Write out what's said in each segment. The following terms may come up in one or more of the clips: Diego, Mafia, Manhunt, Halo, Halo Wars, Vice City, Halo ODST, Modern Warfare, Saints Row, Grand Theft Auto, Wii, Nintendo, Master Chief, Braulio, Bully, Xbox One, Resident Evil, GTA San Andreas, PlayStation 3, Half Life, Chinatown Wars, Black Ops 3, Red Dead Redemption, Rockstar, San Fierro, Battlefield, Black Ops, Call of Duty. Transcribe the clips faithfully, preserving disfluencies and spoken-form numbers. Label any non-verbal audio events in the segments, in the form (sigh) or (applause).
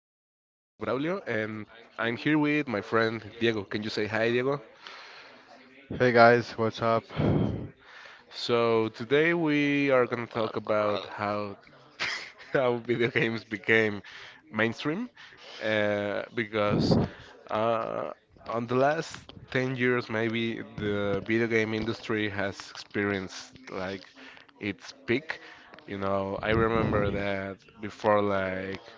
Braulio and I'm here with my friend Diego. Can you say hi, Diego? Hey guys, what's up? So today we are gonna Uh, talk about how (laughs) how video games became mainstream uh, because uh, on the last ten years maybe the video game industry has experienced like its peak. You know, I remember that before like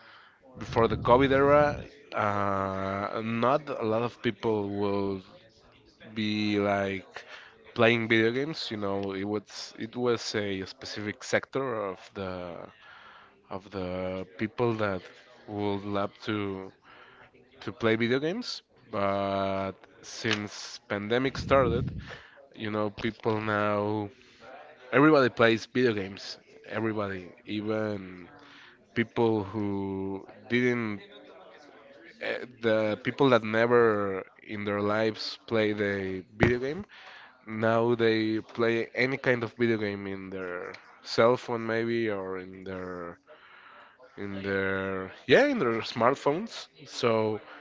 before the COVID era, uh, not a lot of people will be like playing video games. You know, it was it was a specific sector of the of the people that would love to to play video games. But since pandemic started, you know, people now everybody plays video games. Everybody, even people who didn't eh, the people that never in their lives play the video game now they play any kind of video game in their cell phone maybe or in their in their yeah in their smartphones so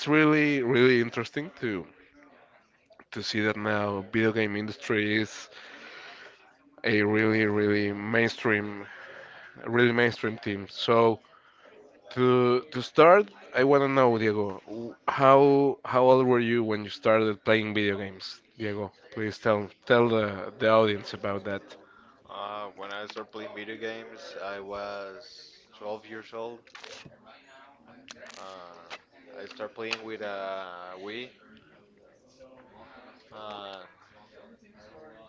it's really really interesting to to see that now video game industry is a really really mainstream really mainstream team so To to start, I want to know, Diego, w- how how old were you when you started playing video games? Diego, please tell tell the the audience about that. when I started playing video games, I was twelve years old. Uh, I started playing with a Wii. And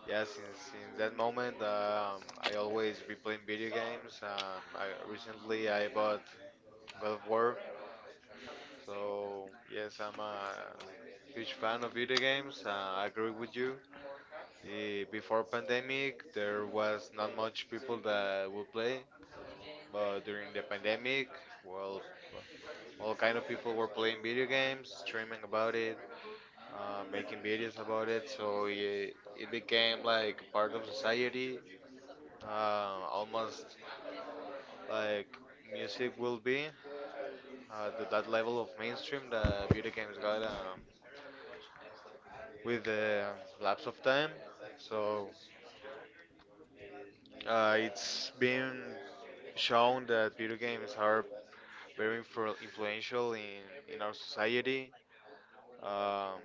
yeah, since since that moment, um, I always be playing video games. Um, I, recently, I bought God of War. So yes, I'm a huge fan of video games. Uh, I agree with you. Eh, before pandemic, there was not much people that would play, but during the pandemic, well, all kind of people were playing video games, streaming about it, uh, making videos about it. So it, it became like part of society, uh, almost like music will be uh, to that level of mainstream that video games got um, with the lapse of time. So Uh, it's been shown that video games are very influ- influential in, in our society, um,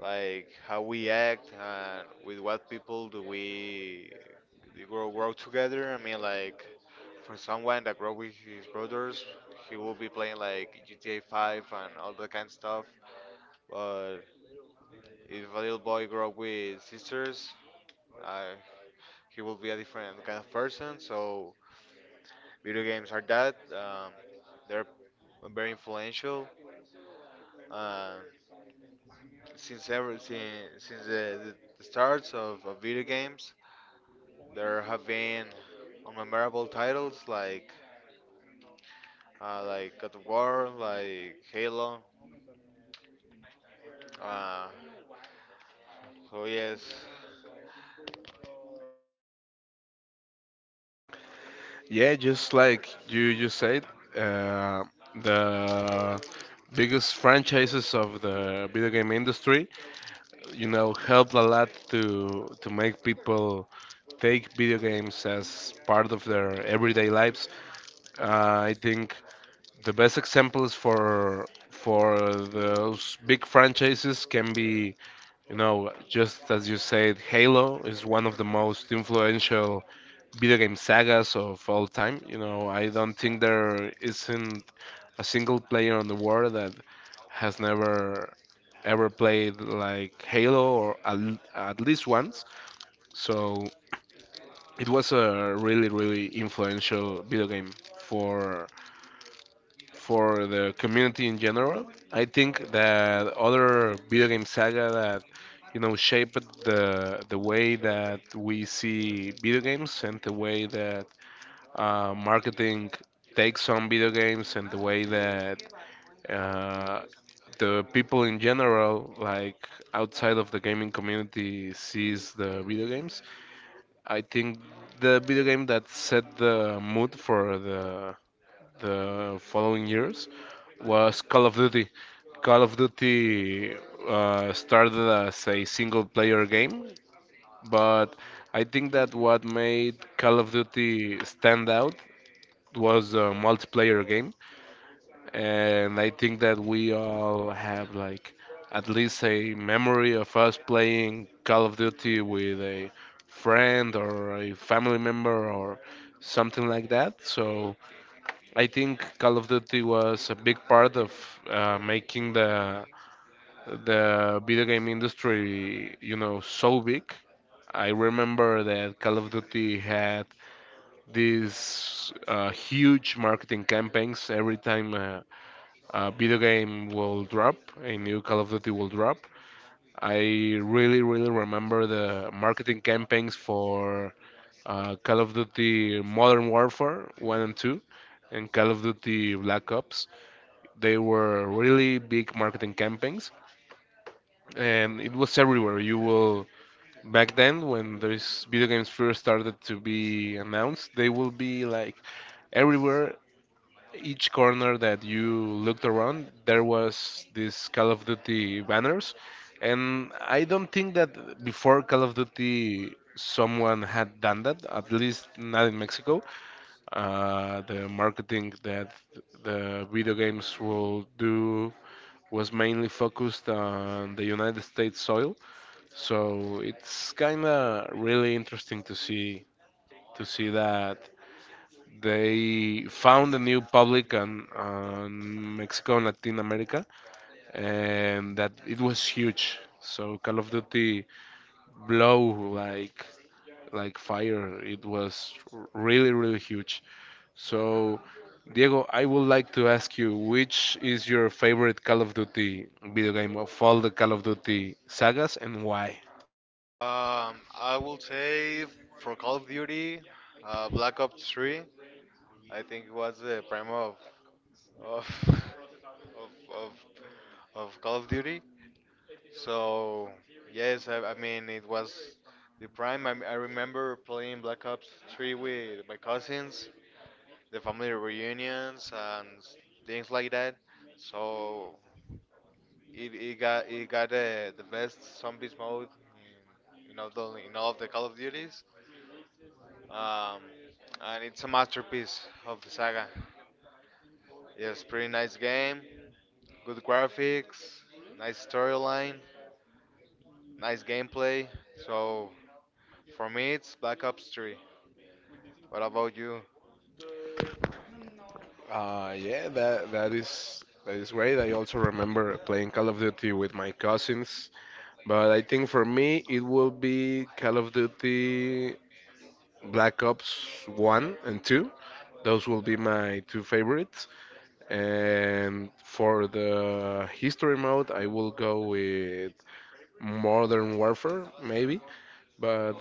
like how we act and with what people do we do grow, grow together. I mean, like for someone that grow with his brothers, he will be playing like G T A five and all that kind of stuff. But if a little boy grow up with sisters, uh, he will be a different kind of person. So video games are that. Um, they're very influential. Uh, since ever since, since the, the starts of, of video games, there have been memorable titles like uh, like God of War, like Halo. Uh, so yes, Yeah, just like you just said, uh, the biggest franchises of the video game industry, you know, helped a lot to to make people take video games as part of their everyday lives. Uh, I think the best examples for for those big franchises can be, you know, just as you said, Halo is one of the most influential video game sagas of all time. You know, I don't think there isn't a single player on the world that has never ever played like Halo or at, at least once. So it was a really, really influential video game for for the community in general. I think that other video game saga that you know shaped the the way that we see video games and the way that uh, marketing takes on video games and the way that uh, the people in general, like outside of the gaming community, sees the video games. I think the video game that set the mood for the the following years was Call of Duty. Call of Duty uh, started as a single player game, but I think that what made Call of Duty stand out was a multiplayer game. And I think that we all have like at least a memory of us playing Call of Duty with a friend or a family member or something like that. So I think Call of Duty was a big part of uh, making the the video game industry, you know, so big. I remember that Call of Duty had these uh, huge marketing campaigns every time uh, a video game will drop, a new Call of Duty will drop. I really, really remember the marketing campaigns for uh, Call of Duty Modern Warfare one and two and Call of Duty Black Ops. They were really big marketing campaigns, and it was everywhere. You will back then when these video games first started to be announced, they will be like everywhere. Each corner that you looked around, there was this Call of Duty banners, and I don't think that before Call of Duty someone had done that, at least not in Mexico. Uh, the marketing that the video games will do was mainly focused on the United States soil. So it's kind of really interesting to see to see that they found a new public on, on Mexico and Latin America, and that it was huge. So Call of Duty blow like like fire. It was really, really huge. So, Diego, I would like to ask you, which is your favorite Call of Duty video game of all the Call of Duty sagas and why? um, I will say for Call of Duty, uh, Black Ops three. I think it was the prime of of (laughs) of, of of Call of Duty. So yes, I, I mean it was the prime. I, I remember playing Black Ops three with my cousins, the family reunions and s- things like that. So it, it got it got uh, the best zombies mode in, in all the in all of the Call of Duties, um, and it's a masterpiece of the saga. Yes, pretty nice game, good graphics, nice storyline, nice gameplay. So for me, it's Black Ops three. What about you? Uh, yeah, that that is that is great. I also remember playing Call of Duty with my cousins, but I think for me it will be Call of Duty Black Ops one and two. Those will be my two favorites. And for the history mode, I will go with Modern Warfare, maybe. But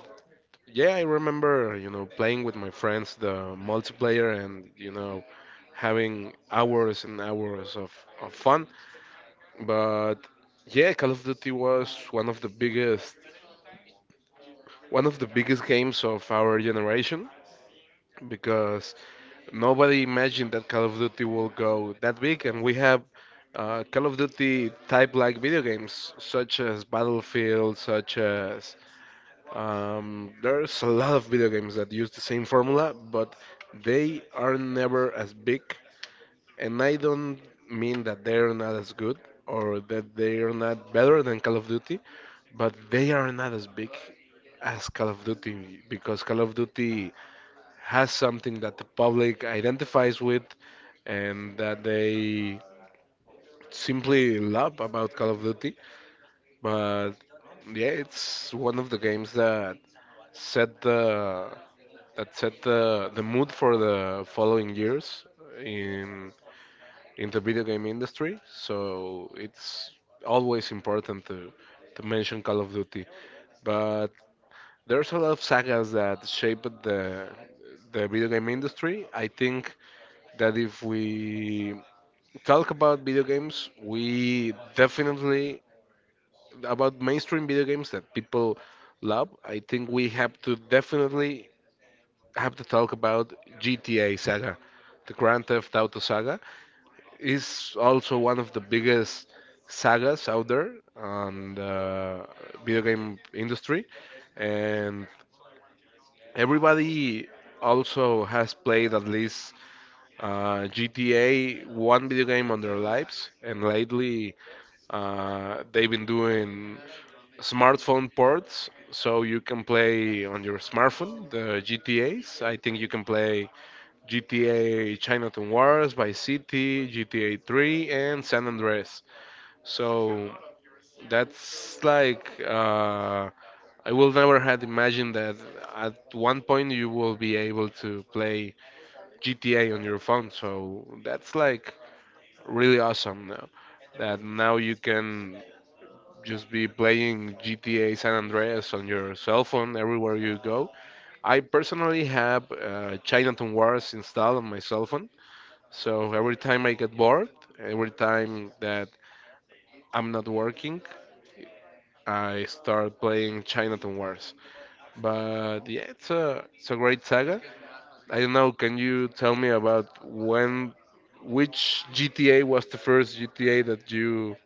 yeah, I remember, you know, playing with my friends the multiplayer and, you know, having hours and hours of, of fun. But yeah, Call of Duty was one of the biggest one of the biggest games of our generation, because nobody imagined that Call of Duty will go that big, and we have uh, Call of Duty type like video games such as Battlefield, such as um, there's a lot of video games that use the same formula, but they are never as big, and I don't mean that they're not as good or that they're not better than Call of Duty, but they are not as big as Call of Duty because Call of Duty has something that the public identifies with and that they simply love about Call of Duty. But yeah, it's one of the games that set the that set the, the mood for the following years in in the video game industry. So it's always important to to mention Call of Duty. But there's a lot of sagas that shaped the the video game industry. I think that if we talk about video games, we definitely about mainstream video games that people love. I think we have to definitely have to talk about G T A saga, the Grand Theft Auto saga is also one of the biggest sagas out there on the video game industry, and everybody also has played at least uh, G T A, one video game on their lives, and lately uh, they've been doing smartphone ports, so you can play on your smartphone the G T A's. I think you can play G T A Chinatown Wars, Vice City, G T A three, and San Andreas. So that's like uh, I will never had imagined that at one point you will be able to play G T A on your phone. So that's like really awesome now, that now you can just be playing G T A San Andreas on your cell phone everywhere you go. I personally have uh, Chinatown Wars installed on my cell phone, so every time I get bored, every time that I'm not working, I start playing Chinatown Wars. But yeah, it's a it's a great saga. I don't know. Can you tell me about when, which G T A was the first G T A that you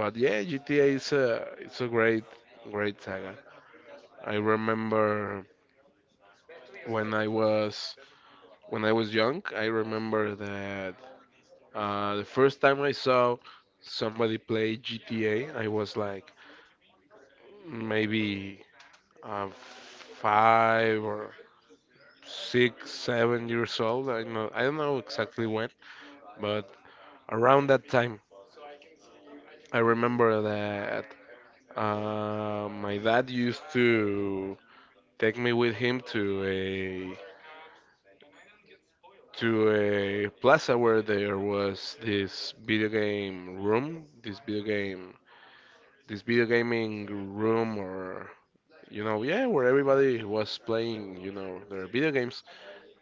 But yeah, G T A is a it's a great great saga. I remember when I was when I was young, I remember that uh, the first time I saw somebody play G T A, I was like maybe uh, five or six, seven years old. I know I don't know exactly when, but around that time, I remember that uh, my dad used to take me with him to a to a plaza where there was this video game room, this video game, this video gaming room, or you know, yeah, where everybody was playing, you know, their video games.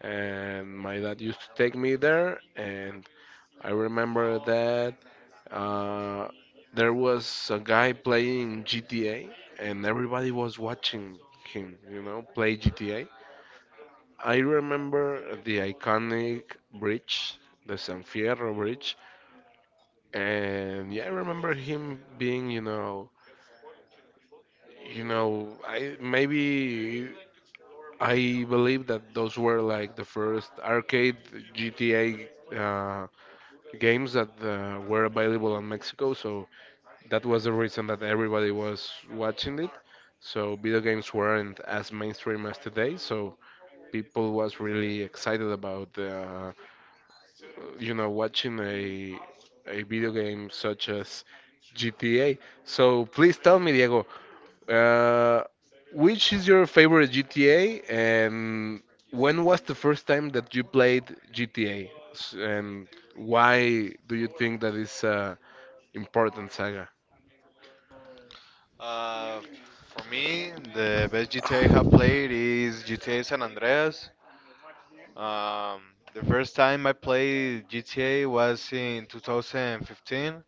And my dad used to take me there, and I remember that uh, there was a guy playing G T A, and everybody was watching him, you know, play G T A. I remember the iconic bridge, the San Fierro bridge, and yeah, I remember him being, you know, you know, I maybe I believe that those were like the first arcade G T A uh, games that uh, were available in Mexico, so that was the reason that everybody was watching it. So video games weren't as mainstream as today, so people was really excited about the uh, you know, watching a a video game such as G T A. So please tell me, Diego, uh, which is your favorite G T A, and when was the first time that you played G T A, and why do you think that is a important saga? Uh, for me, the best G T A I have played is G T A San Andreas. Um, the first time I played G T A was in two thousand fifteen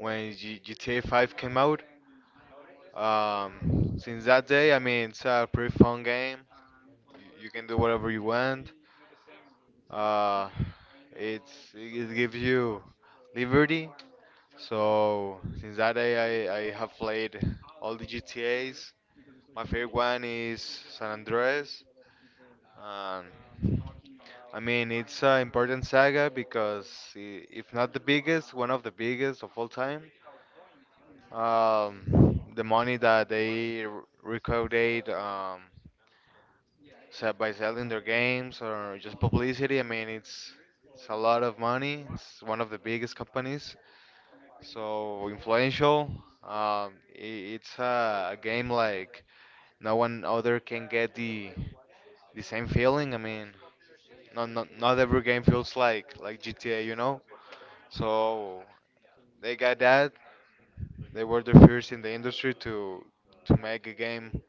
when G- GTA five came out. Um, since that day, I mean, it's a pretty fun game. You, you can do whatever you want. Uh, it's it gives you liberty. So since that day, I, I have played all the G T A's. My favorite one is San Andreas. Um, I mean, it's an important saga because i- if not the biggest, one of the biggest of all time. Um, the money that they r- recorded um, se- by selling their games or just publicity, I mean, it's it's a lot of money. It's one of the biggest companies. So influential. Um, I it's a, a game like no one other can get the the same feeling. I mean, not not not every game feels like like G T A, you know. So they got that. They were the first in the industry to to make a game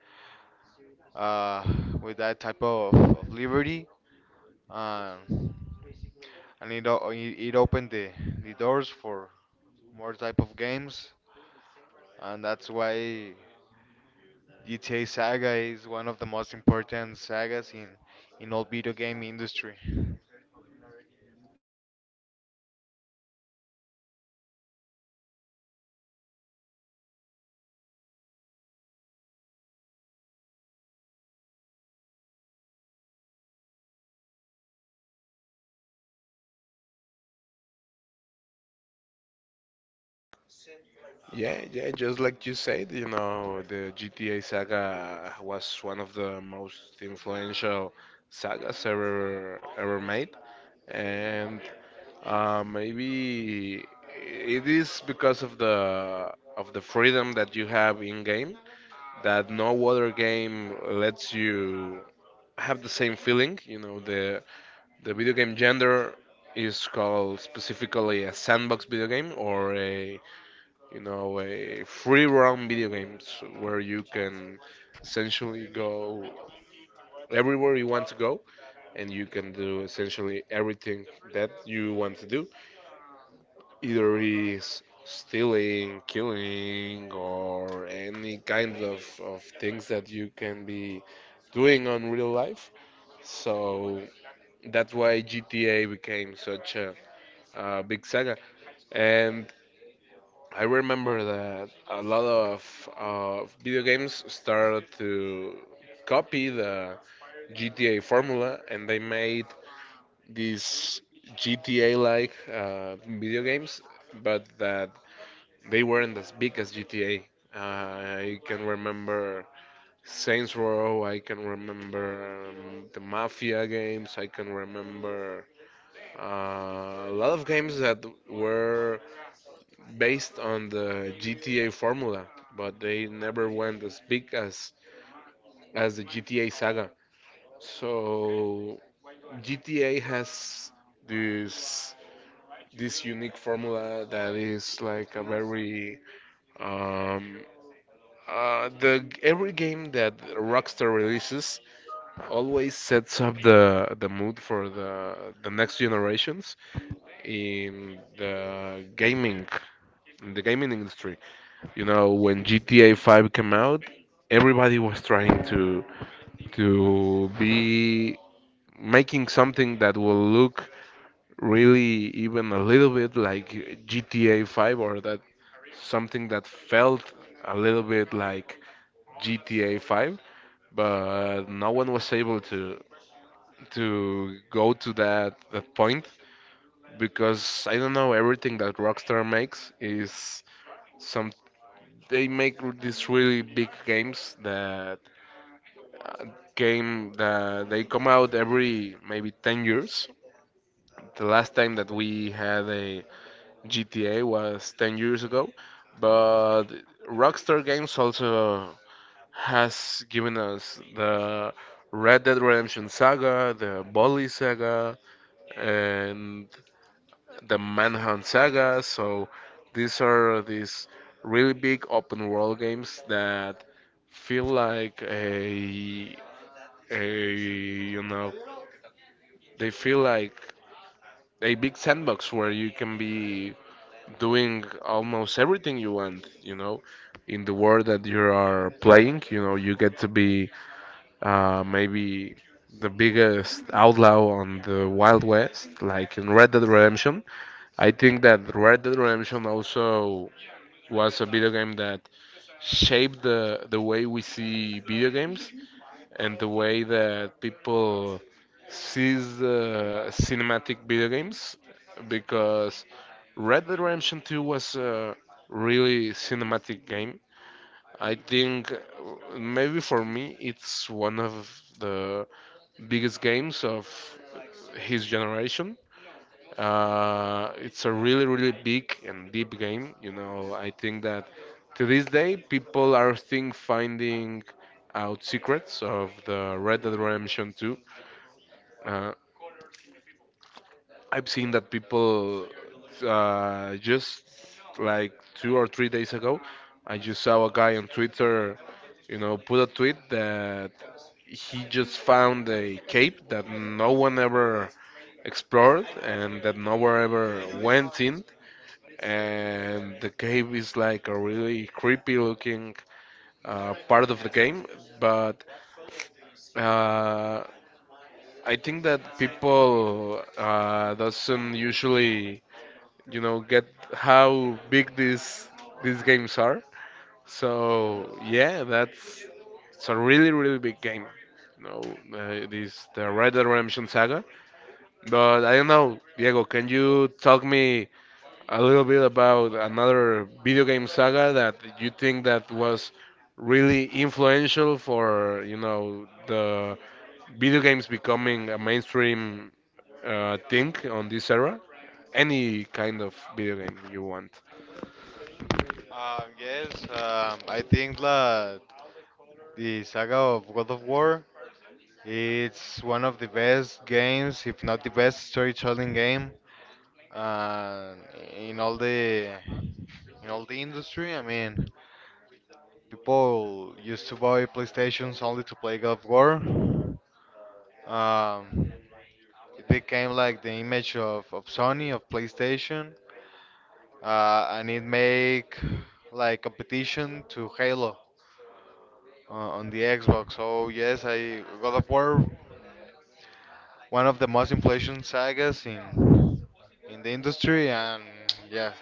uh, with that type of, of liberty, um, and it o- it it opened the the doors for more type of games, and that's why. G T A Saga is one of the most important sagas in in all video game industry. Yeah, yeah, just like you said, you know, the G T A saga was one of the most influential sagas ever ever made. And Uh, maybe it is because of the of the freedom that you have in game that no other game lets you have the same feeling. You know, the the video game gender is called specifically a sandbox video game or a you know a free roam video games where you can essentially go everywhere you want to go and you can do essentially everything that you want to do either he's stealing, killing, or any kind of, of things that you can be doing on real life. So that's why G T A became such a, a big saga. And I remember that a lot of uh, video games started to copy the G T A formula and they made these G T A like uh, video games, but that they weren't as big as G T A. Uh, I can remember Saints Row. I can remember um, the Mafia games. I can remember uh, a lot of games that were based on the G T A formula, but they never went as big as as the G T A saga. So G T A has this this unique formula that is like a very um, Uh, the every game that Rockstar releases always sets up the the mood for the the next generations in the gaming in the gaming industry. You know, when G T A five came out, everybody was trying to to be making something that will look really even a little bit like G T A five, or that something that felt a little bit like G T A five, but no one was able to to go to that that point because, I don't know, everything that Rockstar makes is some they make these really big games that uh, game that they come out every maybe ten years. The last time that we had a G T A was ten years ago, but Rockstar games also has given us the Red Dead Redemption saga, the Bully saga, and the Manhunt saga. So these are these really big open world games that feel like a a you know, they feel like a big sandbox where you can be doing almost everything you want, you know, in the world that you are playing. You know, you get to be uh, maybe the biggest outlaw on the Wild West, like in Red Dead Redemption. I think that Red Dead Redemption also was a video game that shaped the, the way we see video games and the way that people sees the cinematic video games, because Red Dead Redemption two was a really cinematic game. I think uh, maybe for me it's one of the biggest games of his generation. Uh, it's a really, really big and deep game. You know, I think that to this day people are think finding out secrets of the Red Dead Redemption two. Uh, I've seen that people, uh, just like two or three days ago, I just saw a guy on Twitter, you know, put a tweet that he just found a cape that no one ever explored and that no one ever went in. And the cave is like a really creepy looking uh, part of the game, but uh, I think that people uh, doesn't usually, you know, get how big these these games are. So yeah, that's it's a really really big game. No, uh, this the Red Dead Redemption Saga. But I don't know, Diego, can you talk me a little bit about another video game saga that you think that was really influential for, you know, the video games becoming a mainstream uh, thing on this era? Any kind of video game you want. Um, yes, um, I think that the saga of God of War, it's one of the best games, if not the best storytelling game, uh, in all the in all the industry. I mean, people used to buy PlayStations only to play God of War. Um, it became like the image of, of Sony of PlayStation, Uh, and it make like competition to Halo uh, on the Xbox. So yes, I God of War, one of the most inflation sagas in in the industry, and yeah.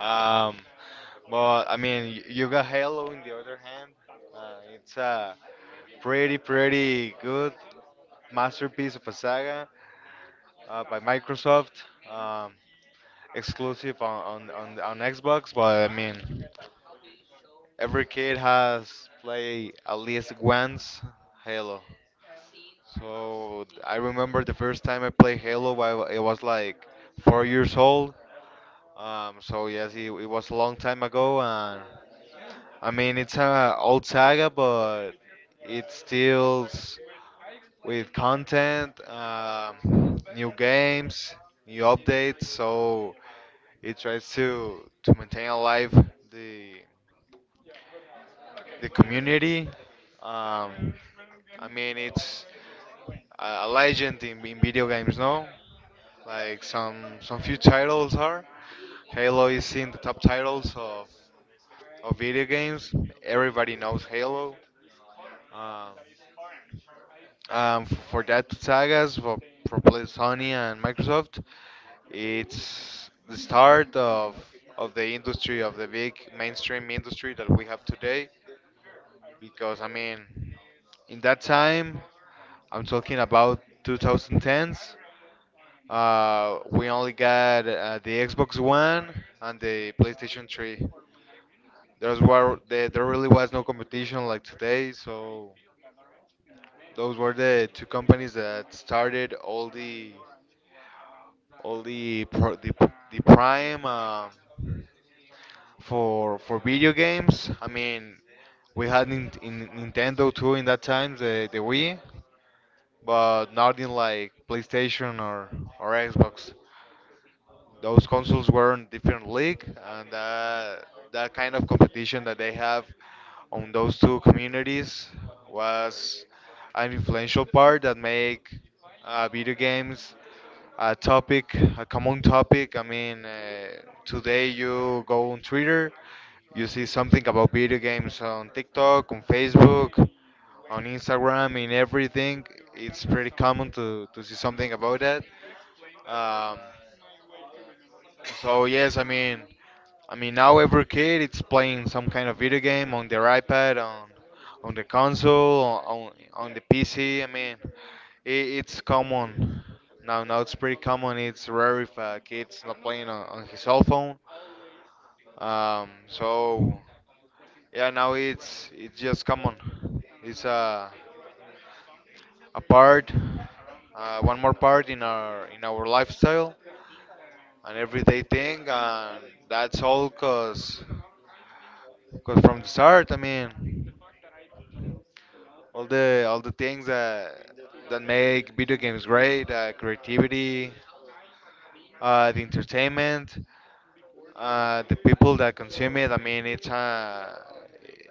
Um, but I mean, y- you got Halo in the other hand. Uh, it's a pretty pretty good masterpiece of a saga uh, by Microsoft, um, exclusive on on, on on Xbox. But I mean, every kid has played at least once Halo. So I remember the first time I played Halo, I wa- I was like four years old. Um, so yes, it, it was a long time ago, and I mean it's a old saga, but it still with content, um, new games, new updates. So it tries to to maintain alive the the community. Um, I mean, it's a a legend in, in video games, no? Like some some few titles are. Halo is in the top titles of of video games. Everybody knows Halo. Um, um, f- for that sagas for, for play- Sony and Microsoft, it's the start of of the industry of the big mainstream industry that we have today because I mean, in that time, I'm talking about twenty tens. Uh, we only got uh, the Xbox One and the PlayStation three. Those were there, there really was no competition like today, so those were the two companies that started all the all the pro, the, the prime uh, for for video games. I mean, we had Nin- in Nintendo too in that time, the the Wii, but not in like PlayStation or or Xbox. Those consoles were in different league, and that that kind of competition that they have on those two communities was an influential part that make uh, video games a topic, a common topic. I mean, uh, today you go on Twitter, you see something about video games on TikTok, on Facebook, on Instagram, in everything. It's pretty common to, to see something about that. Um, so yes, I mean, I mean now every kid it's playing some kind of video game on their iPad, on on the console, on on the P C. I mean, it, it's common now. Now it's pretty common. It's rare if a kid's not playing on, on his cell phone. Um, so yeah, now it's it's just common. It's a a part, uh, one more part in our in our lifestyle, an everyday thing, and that's all. Cause Because from the start, I mean, all the all the things that that make video games great, uh, creativity, uh, the entertainment, uh, the people that consume it. I mean, it's a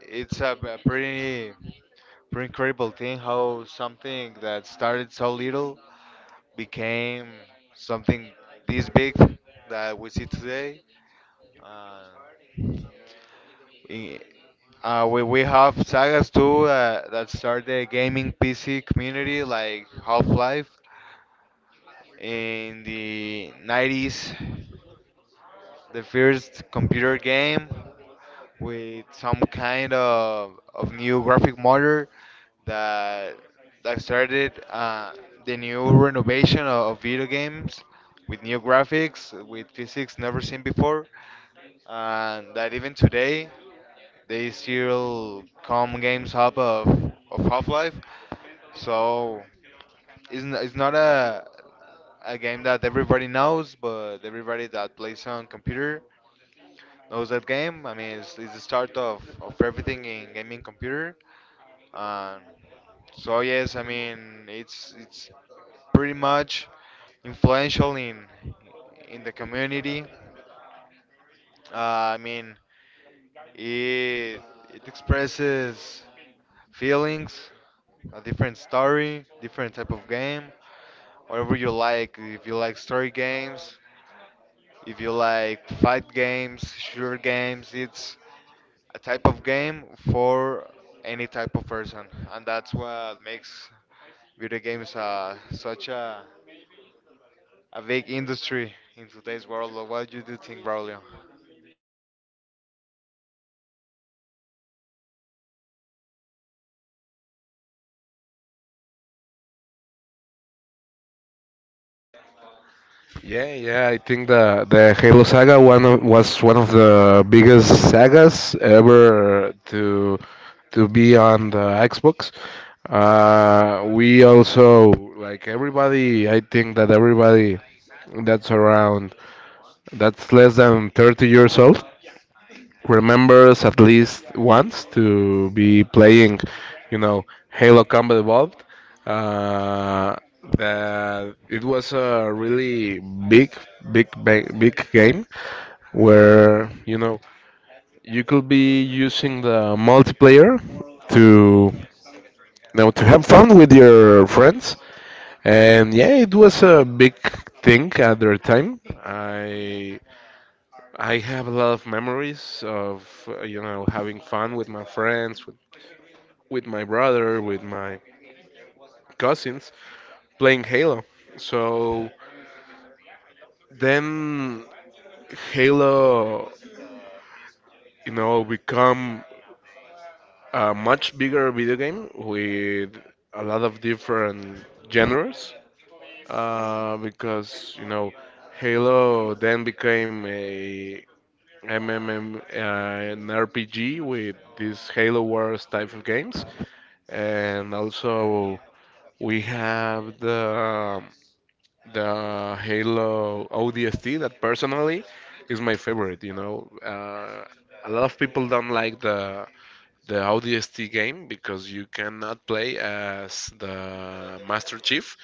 it's a b- pretty pretty incredible thing how something that started so little became something this big that we see today. Uh, In, uh, we, we have sagas too uh, that start the gaming P C community, like Half Life in the nineties, the first computer game with some kind of, of new graphic motor that that started uh, the new renovation of, of video games, with new graphics, with physics never seen before, and that even today they still come games up of, of half-life. So it's, n- it's not a a game that everybody knows, but everybody that plays on computer knows that game. I mean, it's, it's the start of, of everything in gaming computer. Um, so yes, I mean it's it's pretty much influential in in the community. Uh, I mean, it it expresses feelings, a different story, different type of game, whatever you like. If you like story games, if you like fight games, shooter games, it's a type of game for any type of person, and that's what makes video games uh, such a, a big industry in today's world. What do you do think, Braulio? Yeah, yeah, I think the the Halo saga one of, was one of the biggest sagas ever to to be on the Xbox. Uh, we also like everybody. I think that everybody that's around that's less than thirty years old remembers at least once to be playing, you know, Halo Combat Evolved. Uh, that it was a really big, big, big, big game where, you know, you could be using the multiplayer to you know to have fun with your friends. And yeah, it was a big thing at their time. I I have a lot of memories of, uh, you know, having fun with my friends, with, with my brother, with my cousins playing Halo. So then Halo, you know, become a much bigger video game with a lot of different genres uh, because, you know, Halo then became a M M M uh, an R P G with these Halo Wars type of games. And also we have the um, the Halo O D S T that personally is my favorite. You know, uh, a lot of people don't like the the O D S T game because you cannot play as the Master Chief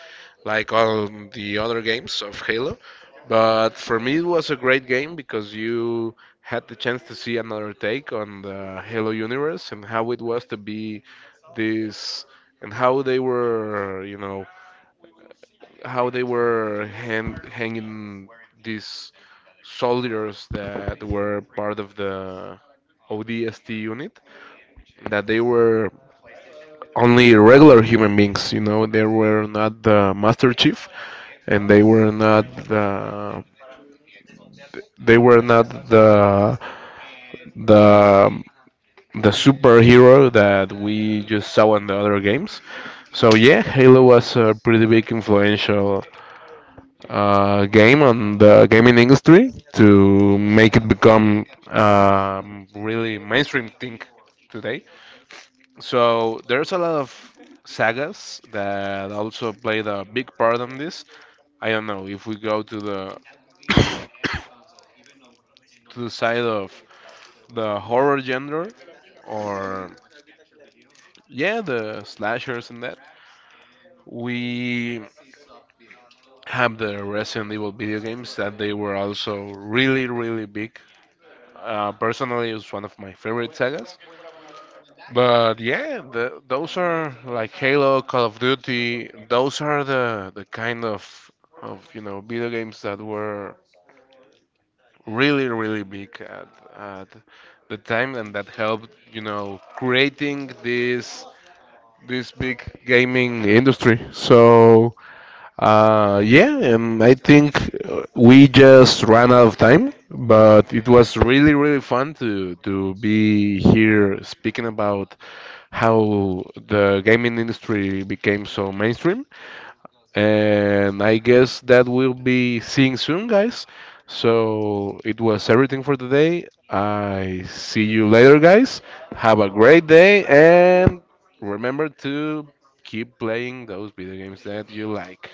like all the other games of Halo. But for me, it was a great game because you had the chance to see another take on the Halo universe and how it was to be this, and how they were, you know, how they were hand, hanging these soldiers that were part of the O D S T unit, that they were only regular human beings. You know, they were not the Master Chief, and they were not the they were not the the the superhero that we just saw in the other games. So yeah, Halo was a pretty big influential uh, game on the gaming industry to make it become um, really mainstream thing today. So there's a lot of sagas that also played a big part on this. I don't know if we go to the (coughs) to the side of the horror genre, or yeah, the slashers and that. We have the Resident Evil video games that they were also really really big. Uh, personally, it's one of my favorite sagas. But yeah, the, those are like Halo, Call of Duty. Those are the the kind of of you know, video games that were really really big at at the time and that helped, you know, creating this this big gaming industry. So uh, yeah, um, I think uh, we just ran out of time, but it was really, really fun to to be here speaking about how the gaming industry became so mainstream. And I guess that we'll be seeing soon, guys. So it was everything for today. I see you later, guys. Have a great day, and remember to keep playing those video games that you like.